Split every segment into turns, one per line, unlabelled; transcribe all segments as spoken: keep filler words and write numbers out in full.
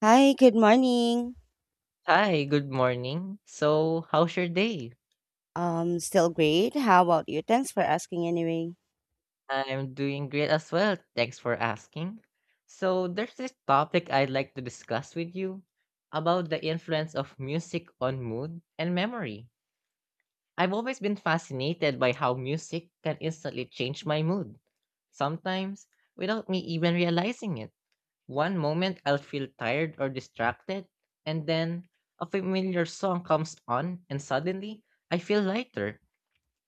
Hi, good morning.
Hi, good morning. So, how's your day?
Um, still great. How about you? Thanks for asking anyway.
I'm doing great as well. Thanks for asking. So, there's this topic I'd like to discuss with you about the influence of music on mood and memory. I've always been fascinated by how music can instantly change my mood, sometimes without me even realizing it. One moment I'll feel tired or distracted, and then a familiar song comes on, and suddenly I feel lighter.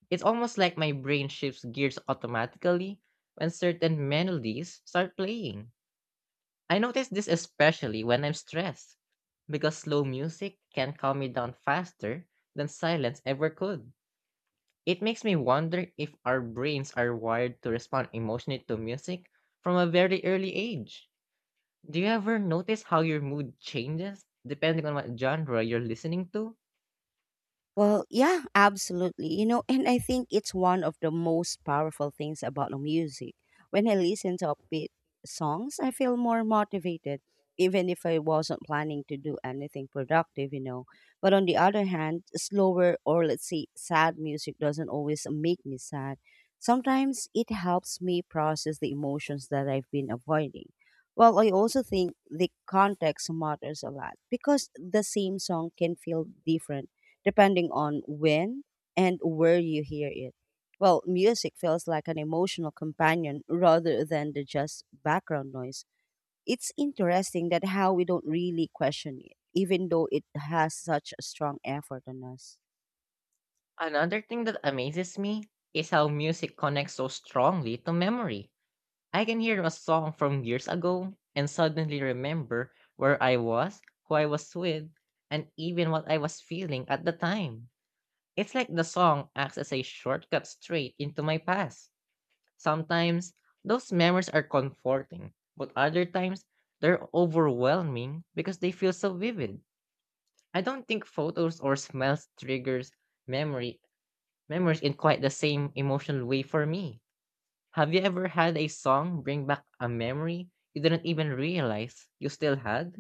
It's almost like my brain shifts gears automatically when certain melodies start playing. I notice this especially when I'm stressed, because slow music can calm me down faster than silence ever could. It makes me wonder if our brains are wired to respond emotionally to music from a very early age. Do you ever notice how your mood changes depending on what genre you're listening to?
Well, yeah, absolutely. You know, and I think it's one of the most powerful things about the music. When I listen to upbeat songs, I feel more motivated, even if I wasn't planning to do anything productive, you know. But on the other hand, slower or let's say sad music doesn't always make me sad. Sometimes it helps me process the emotions that I've been avoiding. Well, I also think the context matters a lot because the same song can feel different depending on when and where you hear it. Well, music feels like an emotional companion rather than the just background noise. It's interesting that how we don't really question it, even though it has such a strong effort on us.
Another thing that amazes me is how music connects so strongly to memory. I can hear a song from years ago and suddenly remember where I was, who I was with, and even what I was feeling at the time. It's like the song acts as a shortcut straight into my past. Sometimes those memories are comforting, but other times they're overwhelming because they feel so vivid. I don't think photos or smells triggers memory memories in quite the same emotional way for me. Have you ever had a song bring back a memory you didn't even realize you still had?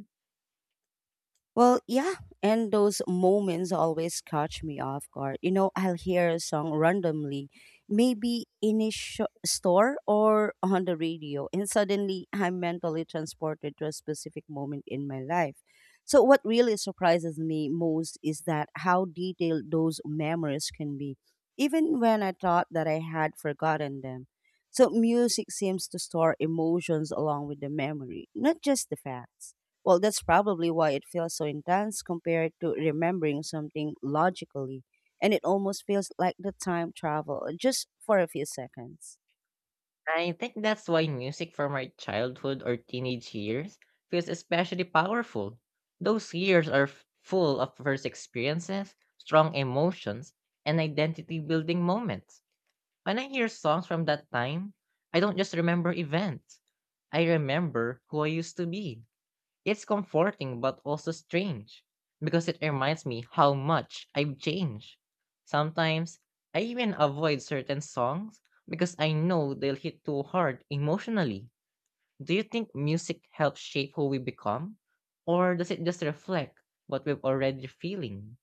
Well, yeah, and those moments always catch me off guard. You know, I'll hear a song randomly, maybe in a sh- store or on the radio, and suddenly I'm mentally transported to a specific moment in my life. So, what really surprises me most is that how detailed those memories can be, even when I thought that I had forgotten them. So, music seems to store emotions along with the memory, not just the facts. Well, that's probably why it feels so intense compared to remembering something logically. And it almost feels like the time travel uh, just for a few seconds.
I think that's why music from our childhood or teenage years feels especially powerful. Those years are f- full of first experiences, strong emotions, and identity building moments. When I hear songs from that time, I don't just remember events, I remember who I used to be. It's comforting but also strange because it reminds me how much I've changed. Sometimes I even avoid certain songs because I know they'll hit too hard emotionally. Do you think music helps shape who we become? Or does it just reflect what we've already feeling?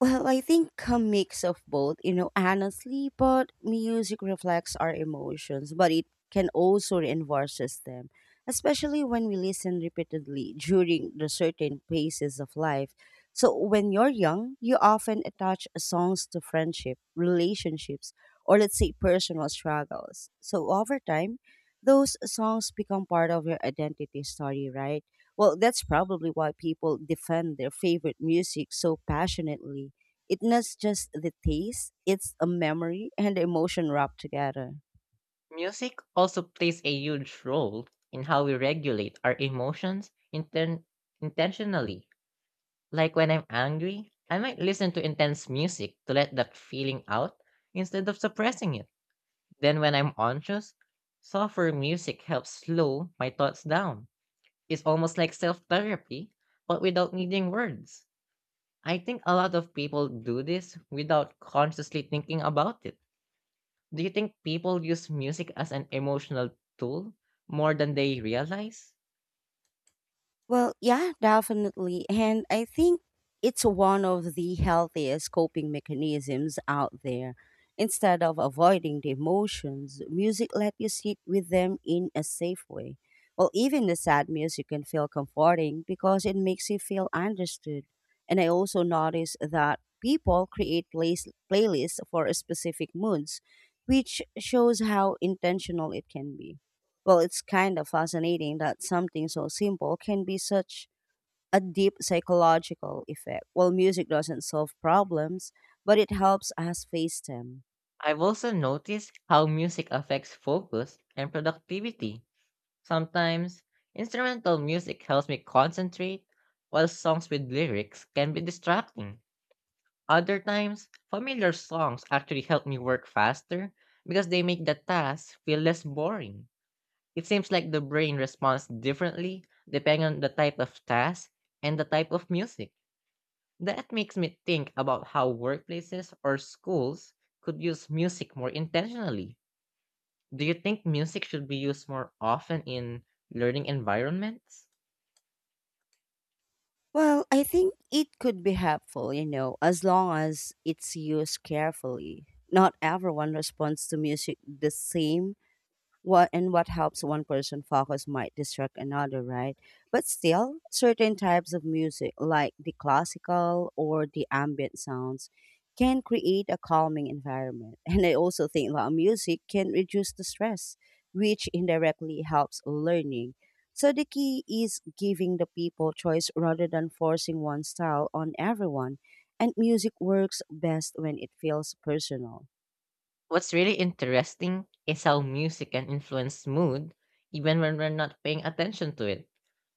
Well, I think a mix of both, you know, honestly, but music reflects our emotions, but it can also reinforces them, especially when we listen repeatedly during the certain phases of life. So when you're young, you often attach songs to friendship, relationships, or let's say personal struggles. So over time, those songs become part of your identity story, right? Well, that's probably why people defend their favorite music so passionately it's not just the taste, it's a memory and emotion wrapped together.
Music also plays a huge role in how we regulate our emotions inten- intentionally. Like when I'm angry, I might listen to intense music to let that feeling out instead of suppressing it. Then when I'm anxious, softer music helps slow my thoughts down. It's almost like self therapy, but without needing words. I think a lot of people do this without consciously thinking about it. Do you think people use music as an emotional tool more than they realize?
Well, yeah, definitely. And I think it's one of the healthiest coping mechanisms out there. Instead of avoiding the emotions, music let you sit with them in a safe way. Well, even the sad music can feel comforting because it makes you feel understood. And I also notice that people create plays, playlists for specific moods, which shows how intentional it can be. Well, it's kind of fascinating that something so simple can be such a deep psychological effect. Well, music doesn't solve problems, but it helps us face them.
I've also noticed how music affects focus and productivity. Sometimes, instrumental music helps me concentrate, while songs with lyrics can be distracting. Other times, familiar songs actually help me work faster because they make the task feel less boring. It seems like the brain responds differently depending on the type of task and the type of music. That makes me think about how workplaces or schools could use music more intentionally. Do you think music should be used more often in learning environments?
Well, I think it could be helpful, you know, as long as it's used carefully. Not everyone responds to music the same what and what helps one person focus might distract another, right? But still, certain types of music, like the classical or the ambient sounds, can create a calming environment. And I also think loud music can reduce the stress, which indirectly helps learning. So the key is giving the people choice rather than forcing one style on everyone. And music works best when it feels personal.
What's really interesting is how music can influence mood even when we're not paying attention to it.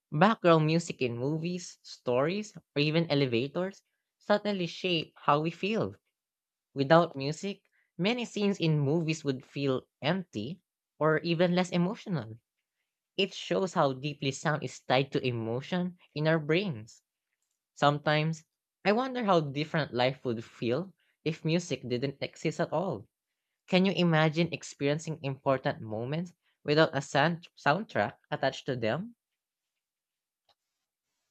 Background music in movies, stories, or even elevators suddenly shape how we feel. Without music, many scenes in movies would feel empty or even less emotional. It shows how deeply sound is tied to emotion in our brains. Sometimes, I wonder how different life would feel if music didn't exist at all, can you imagine experiencing important moments without a sound- soundtrack attached to them?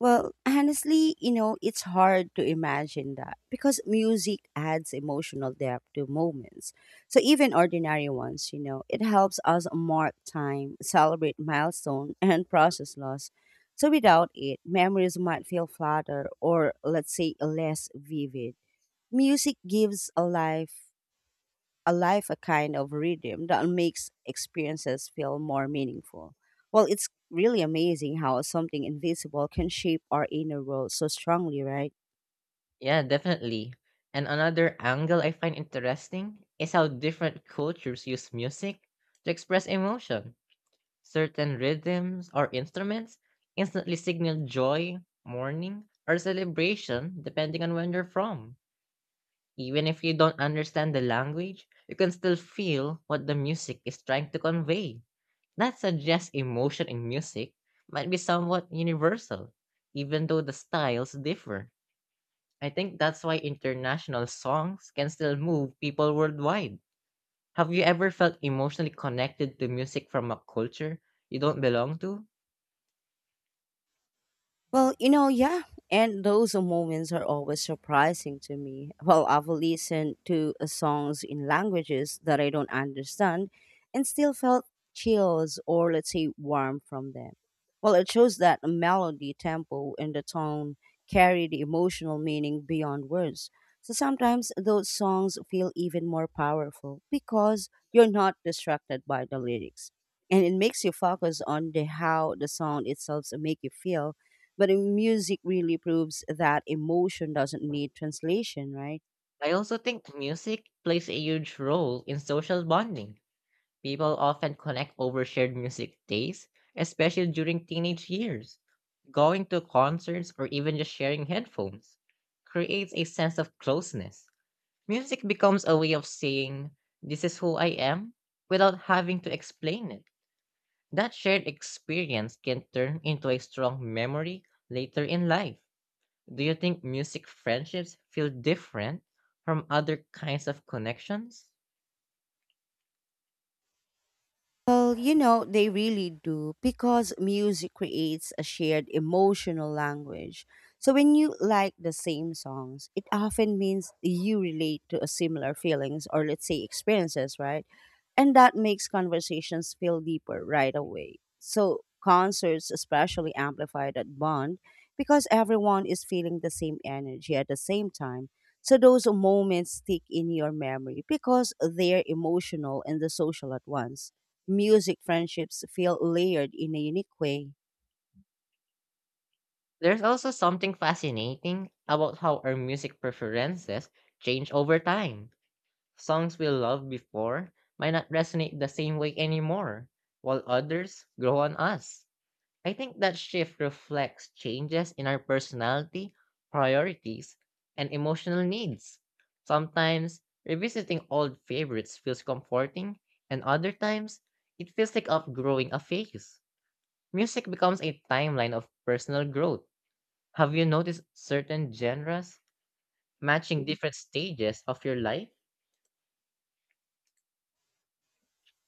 Well, honestly, you know, it's hard to imagine that because music adds emotional depth to moments. So even ordinary ones, you know, it helps us mark time, celebrate milestone and process loss. So without it, memories might feel flatter or let's say less vivid. Music gives a life alive a kind of rhythm that makes experiences feel more meaningful. Well, it's really amazing how something invisible can shape our inner world so strongly, right?
Yeah, definitely. And another angle I find interesting is how different cultures use music to express emotion. Certain rhythms or instruments instantly signal joy, mourning, or celebration depending on when you're from. Even if you don't understand the language, you can still feel what the music is trying to convey. That suggests emotion in music might be somewhat universal, even though the styles differ. I think that's why international songs can still move people worldwide. Have you ever felt emotionally connected to music from a culture you don't belong to?
Well, you know, yeah. And those moments are always surprising to me. Well, I've listened to uh, songs in languages that I don't understand and still felt chills or, let's say, warm from them. Well, it shows that a melody, tempo, and the tone carry the emotional meaning beyond words. So sometimes those songs feel even more powerful because you're not distracted by the lyrics. And it makes you focus on the how the sound itself make you feel but uh, music really proves that emotion doesn't need translation, right?
I also think music plays a huge role in social bonding. People often connect over shared music tastes, especially during teenage years. Going to concerts or even just sharing headphones creates a sense of closeness. Music becomes a way of saying, this is who I am, without having to explain it. That shared experience can turn into a strong memory later in life. Do you think music friendships feel different from other kinds of connections?
Well, you know, they really do because music creates a shared emotional language. So when you like the same songs, it often means you relate to a similar feelings or let's say experiences, right? And that makes conversations feel deeper right away. So concerts especially amplify that bond because everyone is feeling the same energy at the same time. So those moments stick in your memory because they're emotional and the social at once music friendships feel layered in a unique way.
There's also something fascinating about how our music preferences change over time. Songs we loved before might not resonate the same way anymore, while others grow on us. I think that shift reflects changes in our personality, priorities, and emotional needs. Sometimes revisiting old favorites feels comforting, and other times it feels like outgrowing a phase. Music becomes a timeline of personal growth. Have you noticed certain genres matching different stages of your life?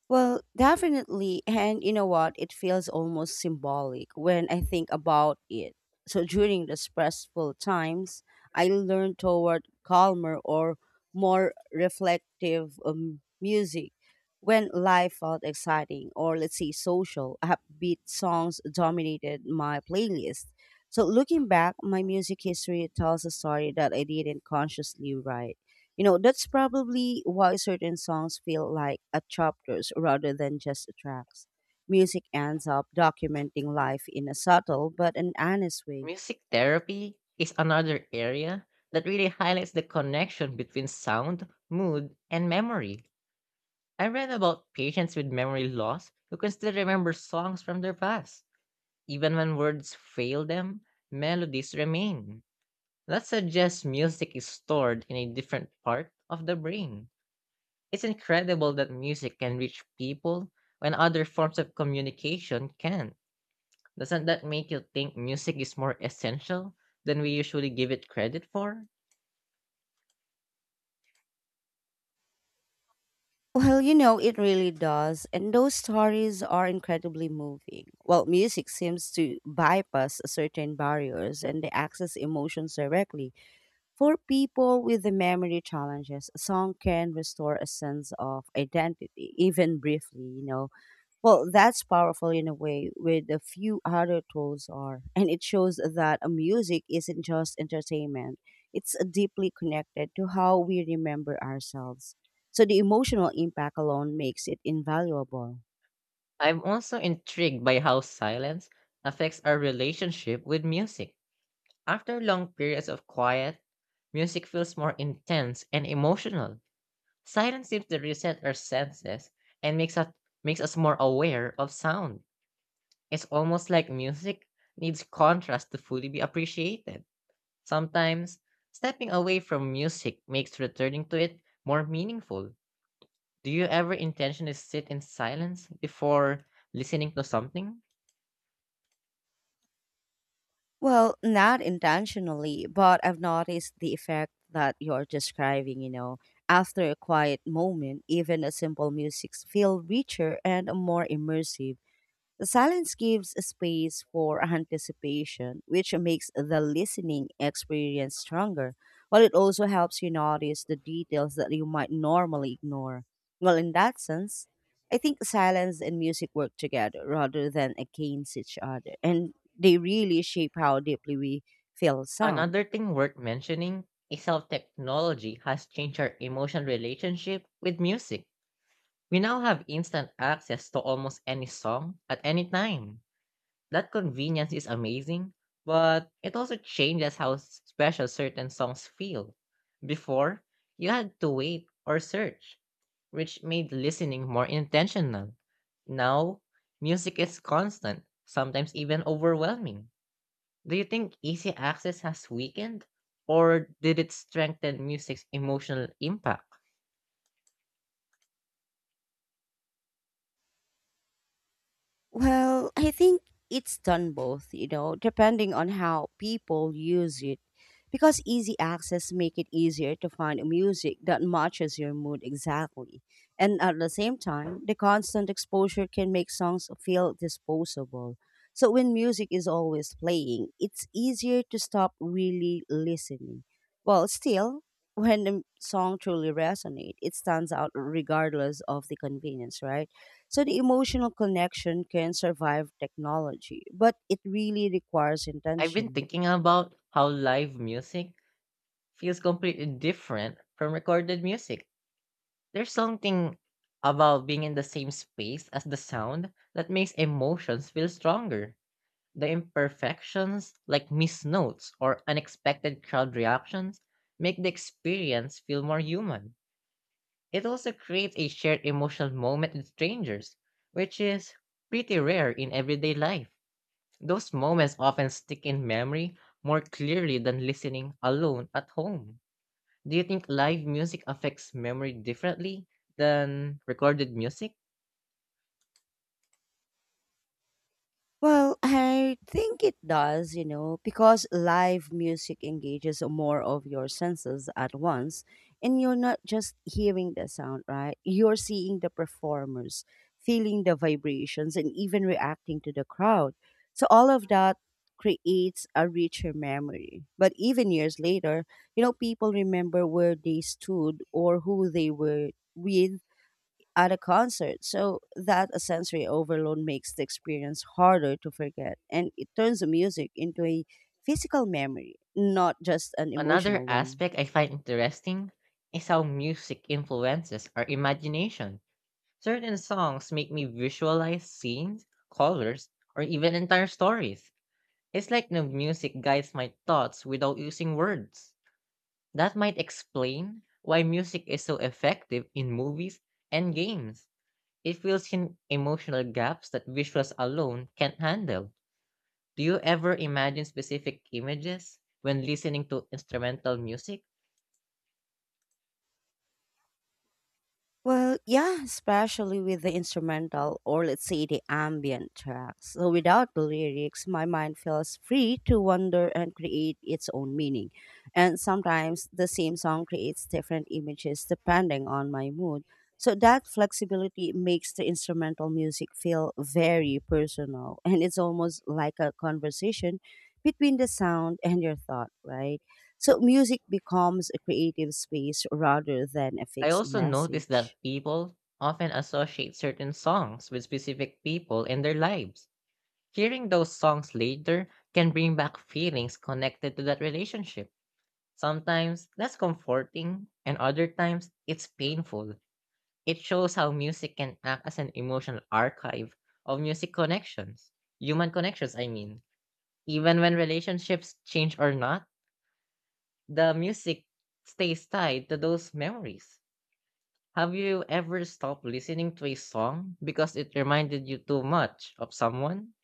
Well, definitely. And you know what? It feels almost symbolic when I think about it. So during the stressful times, I learn toward calmer or more reflective um, music. When life felt exciting or let's say social, upbeat songs dominated my playlist. So looking back, my music history tells a story that I didn't consciously write. You know, that's probably why certain songs feel like a chapters rather than just tracks. Music ends up documenting life in a subtle but an honest way.
Music therapy is another area that really highlights the connection between sound, mood, and memory. I read about patients with memory loss who can still remember songs from their past. Even when words fail them, melodies remain. That suggests music is stored in a different part of the brain. It's incredible that music can reach people when other forms of communication can. Doesn't that make you think music is more essential than we usually give it credit for?
Well, you know, it really does. And those stories are incredibly moving. Well, music seems to bypass certain barriers and they access emotions directly. For people with the memory challenges, a song can restore a sense of identity, even briefly, you know. Well, that's powerful in a way, with a few other tools are. And it shows that a music isn't just entertainment, it's deeply connected to how we remember ourselves. So the emotional impact alone makes it invaluable.
I'm also intrigued by how silence affects our relationship with music. After long periods of quiet, music feels more intense and emotional. Silence seems to reset our senses and makes us makes us more aware of sound. It's almost like music needs contrast to fully be appreciated. Sometimes, stepping away from music makes returning to it more meaningful. Do you ever intentionally sit in silence before listening to something?
Well, not intentionally, but I've noticed the effect that you're describing, you know. After a quiet moment, even a simple music feel richer and more immersive. The silence gives space for anticipation, which makes the listening experience stronger, while it also helps you notice the details that you might normally ignore. Well, in that sense, I think silence and music work together rather than against each other, and they really shape how deeply we feel sound.
Another thing worth mentioning is how technology has changed our emotional relationship with music. We now have instant access to almost any song at any time. That convenience is amazing, but it also changes how s- special certain songs feel. Before, you had to wait or search, which made listening more intentional. Now, music is constant, sometimes even overwhelming. Do you think easy access has weakened, or did it strengthen music's emotional impact?
Well, I think it's done both, you know, depending on how people use it. Because easy access make it easier to find music that matches your mood exactly. And at the same time, the constant exposure can make songs feel disposable. So when music is always playing, it's easier to stop really listening. Well, still, when the song truly resonates, it stands out regardless of the convenience, right? So the emotional connection can survive technology, but it really requires
I've been
intention.
thinking about how live music feels completely different from recorded music. There's something about being in the same space as the sound that makes emotions feel stronger. The imperfections, like missed notes or unexpected crowd reactions, make the experience feel more human. It also creates a shared emotional moment with strangers, which is pretty rare in everyday life. Those moments often stick in memory more clearly than listening alone at home. Do you think live music affects memory differently than recorded music?
Well, I think it does, you know, because live music engages more of your senses at once, and you're not just hearing the sound, right? You're seeing the performers, feeling the vibrations, and even reacting to the crowd. So, all of that creates a richer memory. But even years later, you know, people remember where they stood or who they were with at a concert. So that a sensory overload makes the experience harder to forget and it turns the music into a physical memory, not just an
Another
emotional one.
aspect I find interesting is how music influences our imagination. Certain songs make me visualize scenes, colors, or even entire stories. It's like the music guides my thoughts without using words. That might explain why music is so effective in movies and games. It fills in emotional gaps that visuals alone can't handle. Do you ever imagine specific images when listening to instrumental music?
Well, yeah, especially with the instrumental or let's say the ambient tracks. So without the lyrics, my mind feels free to wander and create its own meaning. And sometimes the same song creates different images depending on my mood. So that flexibility makes the instrumental music feel very personal and it's almost like a conversation between the sound and your thought, right? So music becomes a creative space rather than a
I
fixed
also notice
message.
that people often associate certain songs with specific people in their lives. Hearing those songs later can bring back feelings connected to that relationship. Sometimes that's comforting, and other times it's painful. It shows how music can act as an emotional archive of music connections, human connections, I mean. Even when relationships change or not, the music stays tied to those memories. Have you ever stopped listening to a song because it reminded you too much of someone?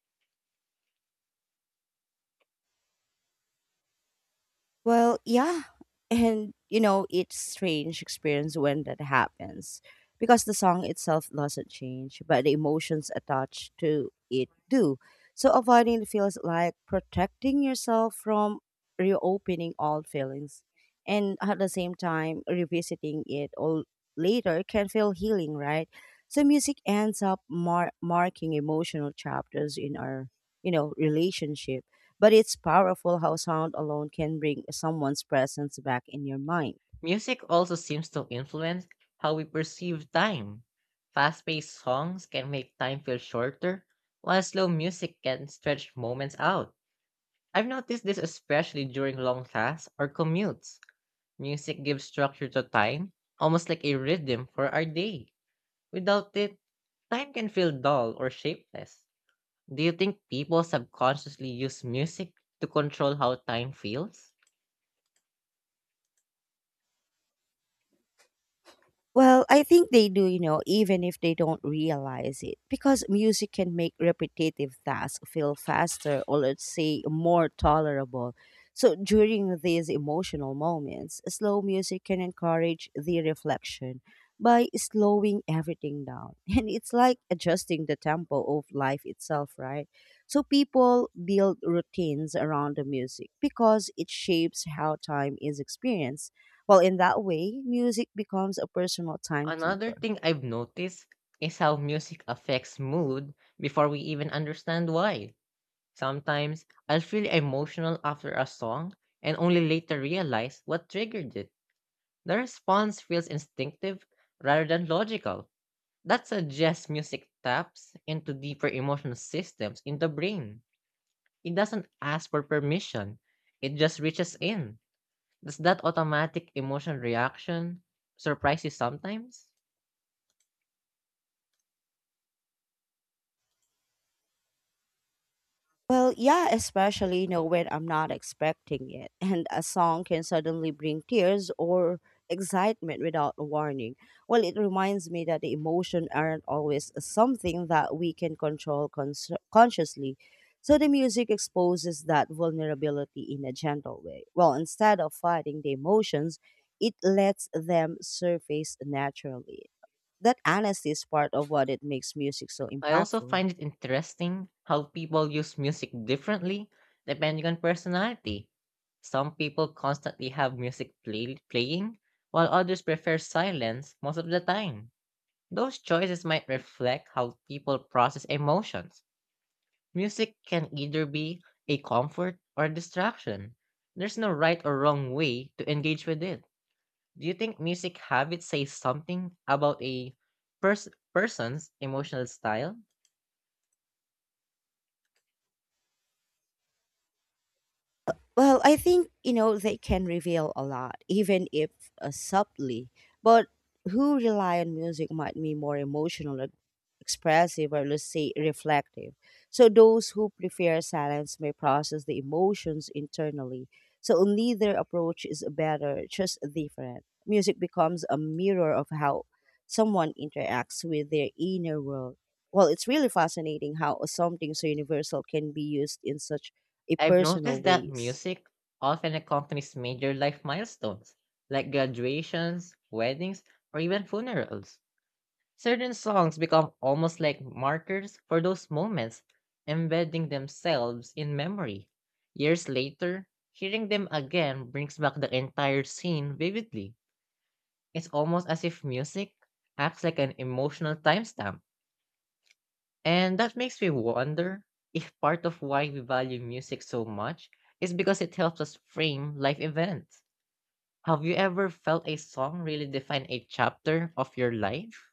Well, yeah. And, you know, it's strange experience when that happens because the song itself doesn't change, but the emotions attached to it do. So avoiding feels like protecting yourself from reopening old feelings and at the same time revisiting it all later can feel healing, right? So music ends up mar- marking emotional chapters in our, you know, relationship but it's powerful how sound alone can bring someone's presence back in your mind.
Music also seems to influence how we perceive time. Fast paced songs can make time feel shorter, while slow music can stretch moments out. I've noticed this especially during long tasks or commutes. Music gives structure to time, almost like a rhythm for our day. Without it, time can feel dull or shapeless. Do you think people subconsciously use music to control how time feels?
Well, I think they do, you know, even if they don't realize it, because music can make repetitive tasks feel faster or, let's say, more tolerable. So during these emotional moments, slow music can encourage the reflection by slowing everything down. And it's like adjusting the tempo of life itself, right? So people build routines around the music because it shapes how time is experienced well, in that way, music becomes a personal
Another
timekeeper.
thing I've noticed is how music affects mood before we even understand why. Sometimes I'll feel emotional after a song and only later realize what triggered it. The response feels instinctive rather than logical. That suggests music taps into deeper emotional systems in the brain. It doesn't ask for permission, it just reaches in. Does that automatic emotional reaction surprise you sometimes?
Well, yeah, especially you know when I'm not expecting it, and a song can suddenly bring tears or excitement without a warning. Well, it reminds me that the emotion aren't always something that we can control cons- consciously. So the music exposes that vulnerability in a gentle way. Well, instead of fighting the emotions, it lets them surface naturally. That honesty is part of what it makes music so
I also
impactful.
find it interesting how people use music differently depending on personality. Some people constantly have music play- playing, while others prefer silence most of the time. Those choices might reflect how people process emotions. Music can either be a comfort or a distraction. There's no right or wrong way to engage with it. Do you think music habits say something about a pers- person's emotional style?
Well, I think, you know, they can reveal a lot, even if uh, subtly. But who rely on music might be more emotional, e- expressive, or let's say reflective. So those who prefer silence may process the emotions internally. So neither approach is better, just different. Music becomes a mirror of how someone interacts with their inner world. Well, it's really fascinating how something so universal can be used in such a
I've
personal
noticed that
ways.
music often accompanies major life milestones, like graduations, weddings, or even funerals. Certain songs become almost like markers for those moments, embedding themselves in memory. Years later, hearing them again brings back the entire scene vividly. It's almost as if music acts like an emotional timestamp, and that makes me wonder if part of why we value music so much is because it helps us frame life events. Have you ever felt a song really define a chapter of your life?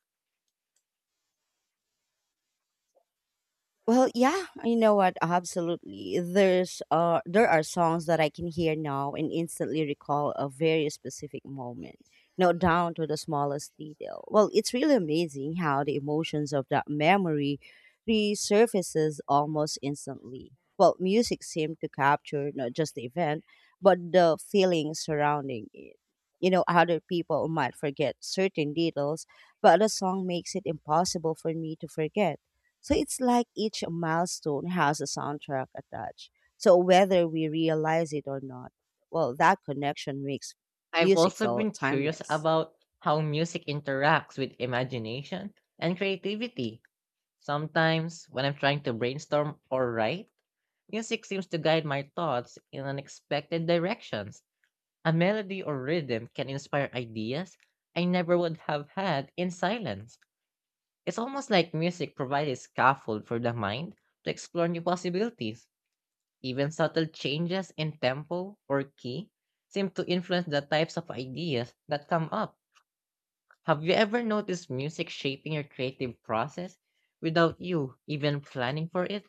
Well, yeah, you know what? Absolutely. There's uh there are songs that I can hear now and instantly recall a very specific moment, you know, down to the smallest detail. Well, it's really amazing how the emotions of that memory resurfaces almost instantly. Well, music seemed to capture not just the event, but the feelings surrounding it. You know, other people might forget certain details, but the song makes it impossible for me to forget, so it's like each milestone has a soundtrack attached. So whether we realize it or not, well, that connection makes
I've
music
also
feel
been curious
timeless.
about how music interacts with imagination and creativity. Sometimes, when I'm trying to brainstorm or write, music seems to guide my thoughts in unexpected directions. A melody or rhythm can inspire ideas I never would have had in silence. It's almost like music provides a scaffold for the mind to explore new possibilities. Even subtle changes in tempo or key seem to influence the types of ideas that come up. Have you ever noticed music shaping your creative process without you even planning for it?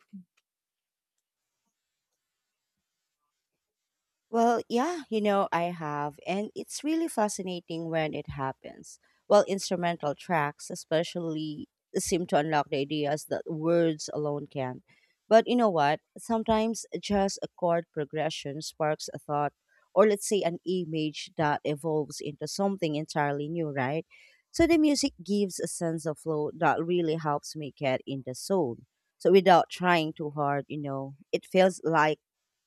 Well, yeah, you know, I have, and it's really fascinating when it happens. Well, instrumental tracks, especially, seem to unlock the ideas that words alone can. But you know what? Sometimes just a chord progression sparks a thought, or let's say an image that evolves into something entirely new, right? So the music gives a sense of flow that really helps me get in the zone. So without trying too hard, you know, it feels like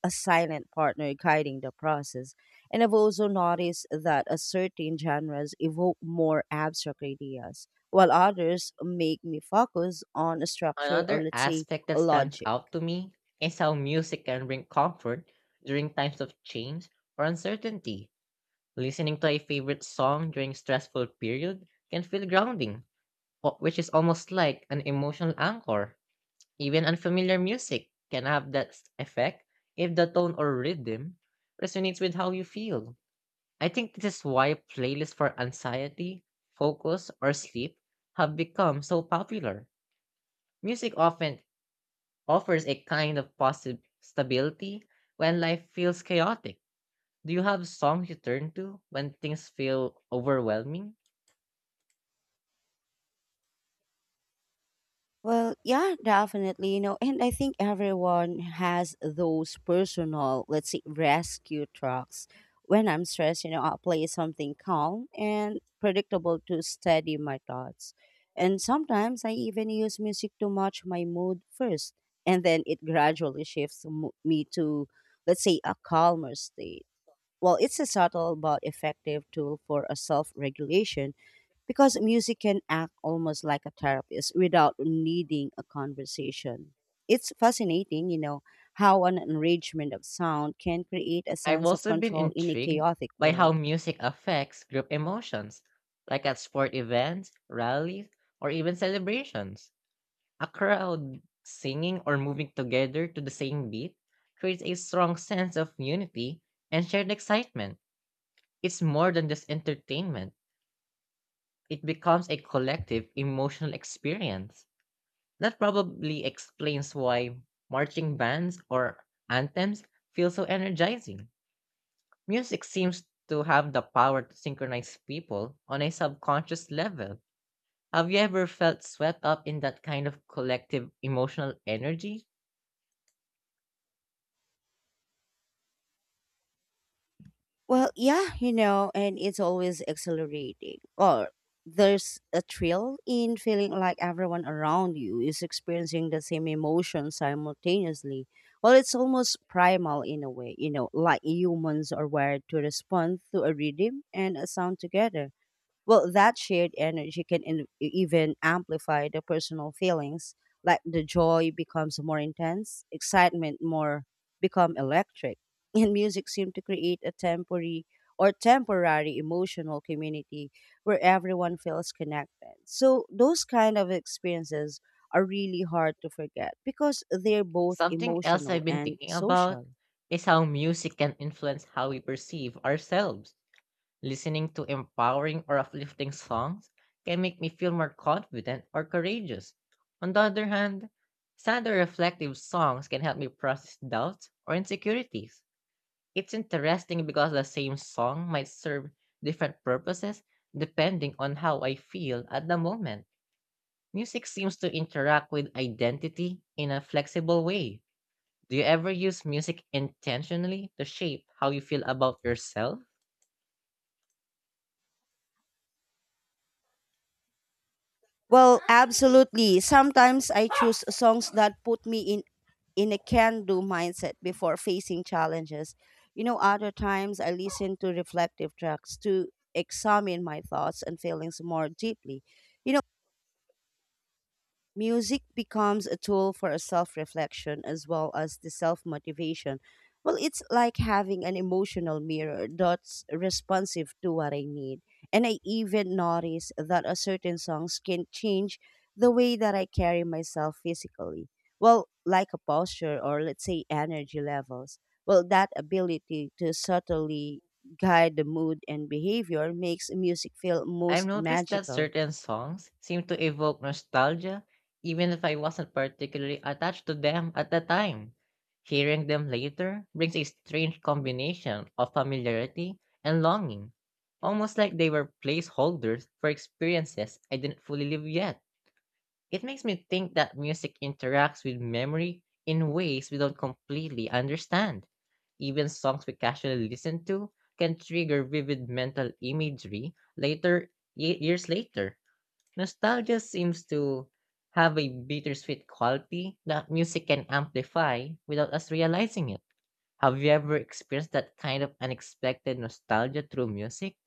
a silent partner guiding the process. And I've also noticed that a certain genres evoke more abstract ideas, while others make me focus on a structure or
Another
let's say
aspect that
a
stands
logic.
out to me is how music can bring comfort during times of change or uncertainty. Listening to a favorite song during stressful period can feel grounding, wh- which is almost like an emotional anchor. Even unfamiliar music can have that s- effect if the tone or rhythm resonates with how you feel. I think this is why playlists for anxiety, focus, or sleep have become so popular. Music often offers a kind of positive stability when life feels chaotic. Do you have songs you turn to when things feel overwhelming?
Well, yeah, definitely. You know, and I think everyone has those personal, let's say, rescue trucks. When I'm stressed, you know, I'll play something calm and predictable to steady my thoughts. And sometimes I even use music to match my mood first, and then it gradually shifts mo- me to, let's say, a calmer state. Well, it's a subtle but effective tool for a self regulation, because music can act almost like a therapist without needing a conversation. It's fascinating, you know, how an arrangement of sound can create a
I've
sense of
also been
control in a
intrigued
chaotic
by how
world.
music affects group emotions, like at sport events, rallies, or even celebrations. A crowd singing or moving together to the same beat creates a strong sense of unity and shared excitement. It's more than just entertainment, it becomes a collective emotional experience. That probably explains why marching bands or anthems feel so energizing. Music seems to have the power to synchronize people on a subconscious level. Have you ever felt swept up in that kind of collective emotional energy?
Well, yeah, you know, and it's always exhilarating. Or there's a thrill in feeling like everyone around you is experiencing the same emotion simultaneously. Well, it's almost primal in a way, you know, like humans are wired to respond to a rhythm and a sound together. Well, that shared energy can in- e, even amplify the personal feelings, like the joy becomes more intense, excitement more become electric, and music seemed to create a temporary or temporary emotional community where everyone feels connected. So those kind of experiences are really hard to forget because they're both
Something else
emotional
I've been
and
thinking about
social.
is how music can influence how we perceive ourselves. Listening to empowering or uplifting songs can make me feel more confident or courageous. On the other hand, sad or reflective songs can help me process doubts or insecurities. It's interesting because the same song might serve different purposes depending on how I feel at the moment. Music seems to interact with identity in a flexible way. Do you ever use music intentionally to shape how you feel about yourself?
Well, absolutely. Sometimes I choose songs that put me in in a can do mindset before facing challenges. You know, other times I listen to reflective tracks to examine my thoughts and feelings more deeply. You music becomes a tool for a self reflection as well as the self motivation. Well, it's like having an emotional mirror that's responsive to what I need. And I even notice that a certain songs can change the way that I carry myself physically. Well, like a posture or let's say energy levels. Well, that ability to subtly guide the mood and behavior makes music feel
I've
most
noticed that
magical.
certain songs seem to evoke nostalgia, even if I wasn't particularly attached to them at the time. Hearing them later brings a strange combination of familiarity and longing, almost like they were placeholders for experiences I didn't fully live yet. It makes me think that music interacts with memory in ways we don't completely understand. Even songs we casually listen to can trigger vivid mental imagery later ye- years later. Nostalgia seems to have a bittersweet quality that music can amplify without us realizing it. Have you ever experienced that kind of unexpected nostalgia through music?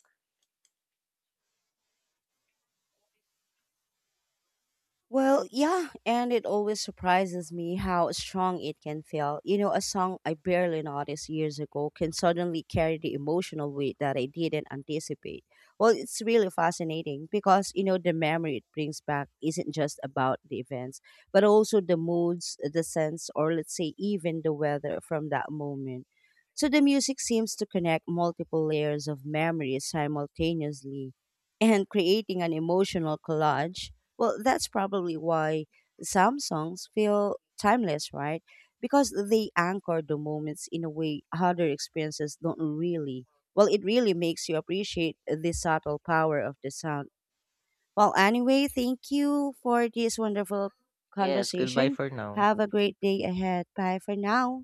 Well, yeah, and it always surprises me how strong it can feel. You know, a song I barely noticed years ago can suddenly carry the emotional weight that I didn't anticipate. Well, it's really fascinating because, you know, the memory it brings back isn't just about the events, but also the moods, the sense, or let's say even the weather from that moment. So the music seems to connect multiple layers of memories simultaneously and creating an emotional collage, well, that's probably why some songs feel timeless, right? Because they anchor the moments in a way other experiences don't really. Well, it really makes you appreciate the subtle power of the sound. Well, anyway, thank you for this wonderful
Yes, goodbye
conversation.
for now.
Have a great day ahead. Bye for now.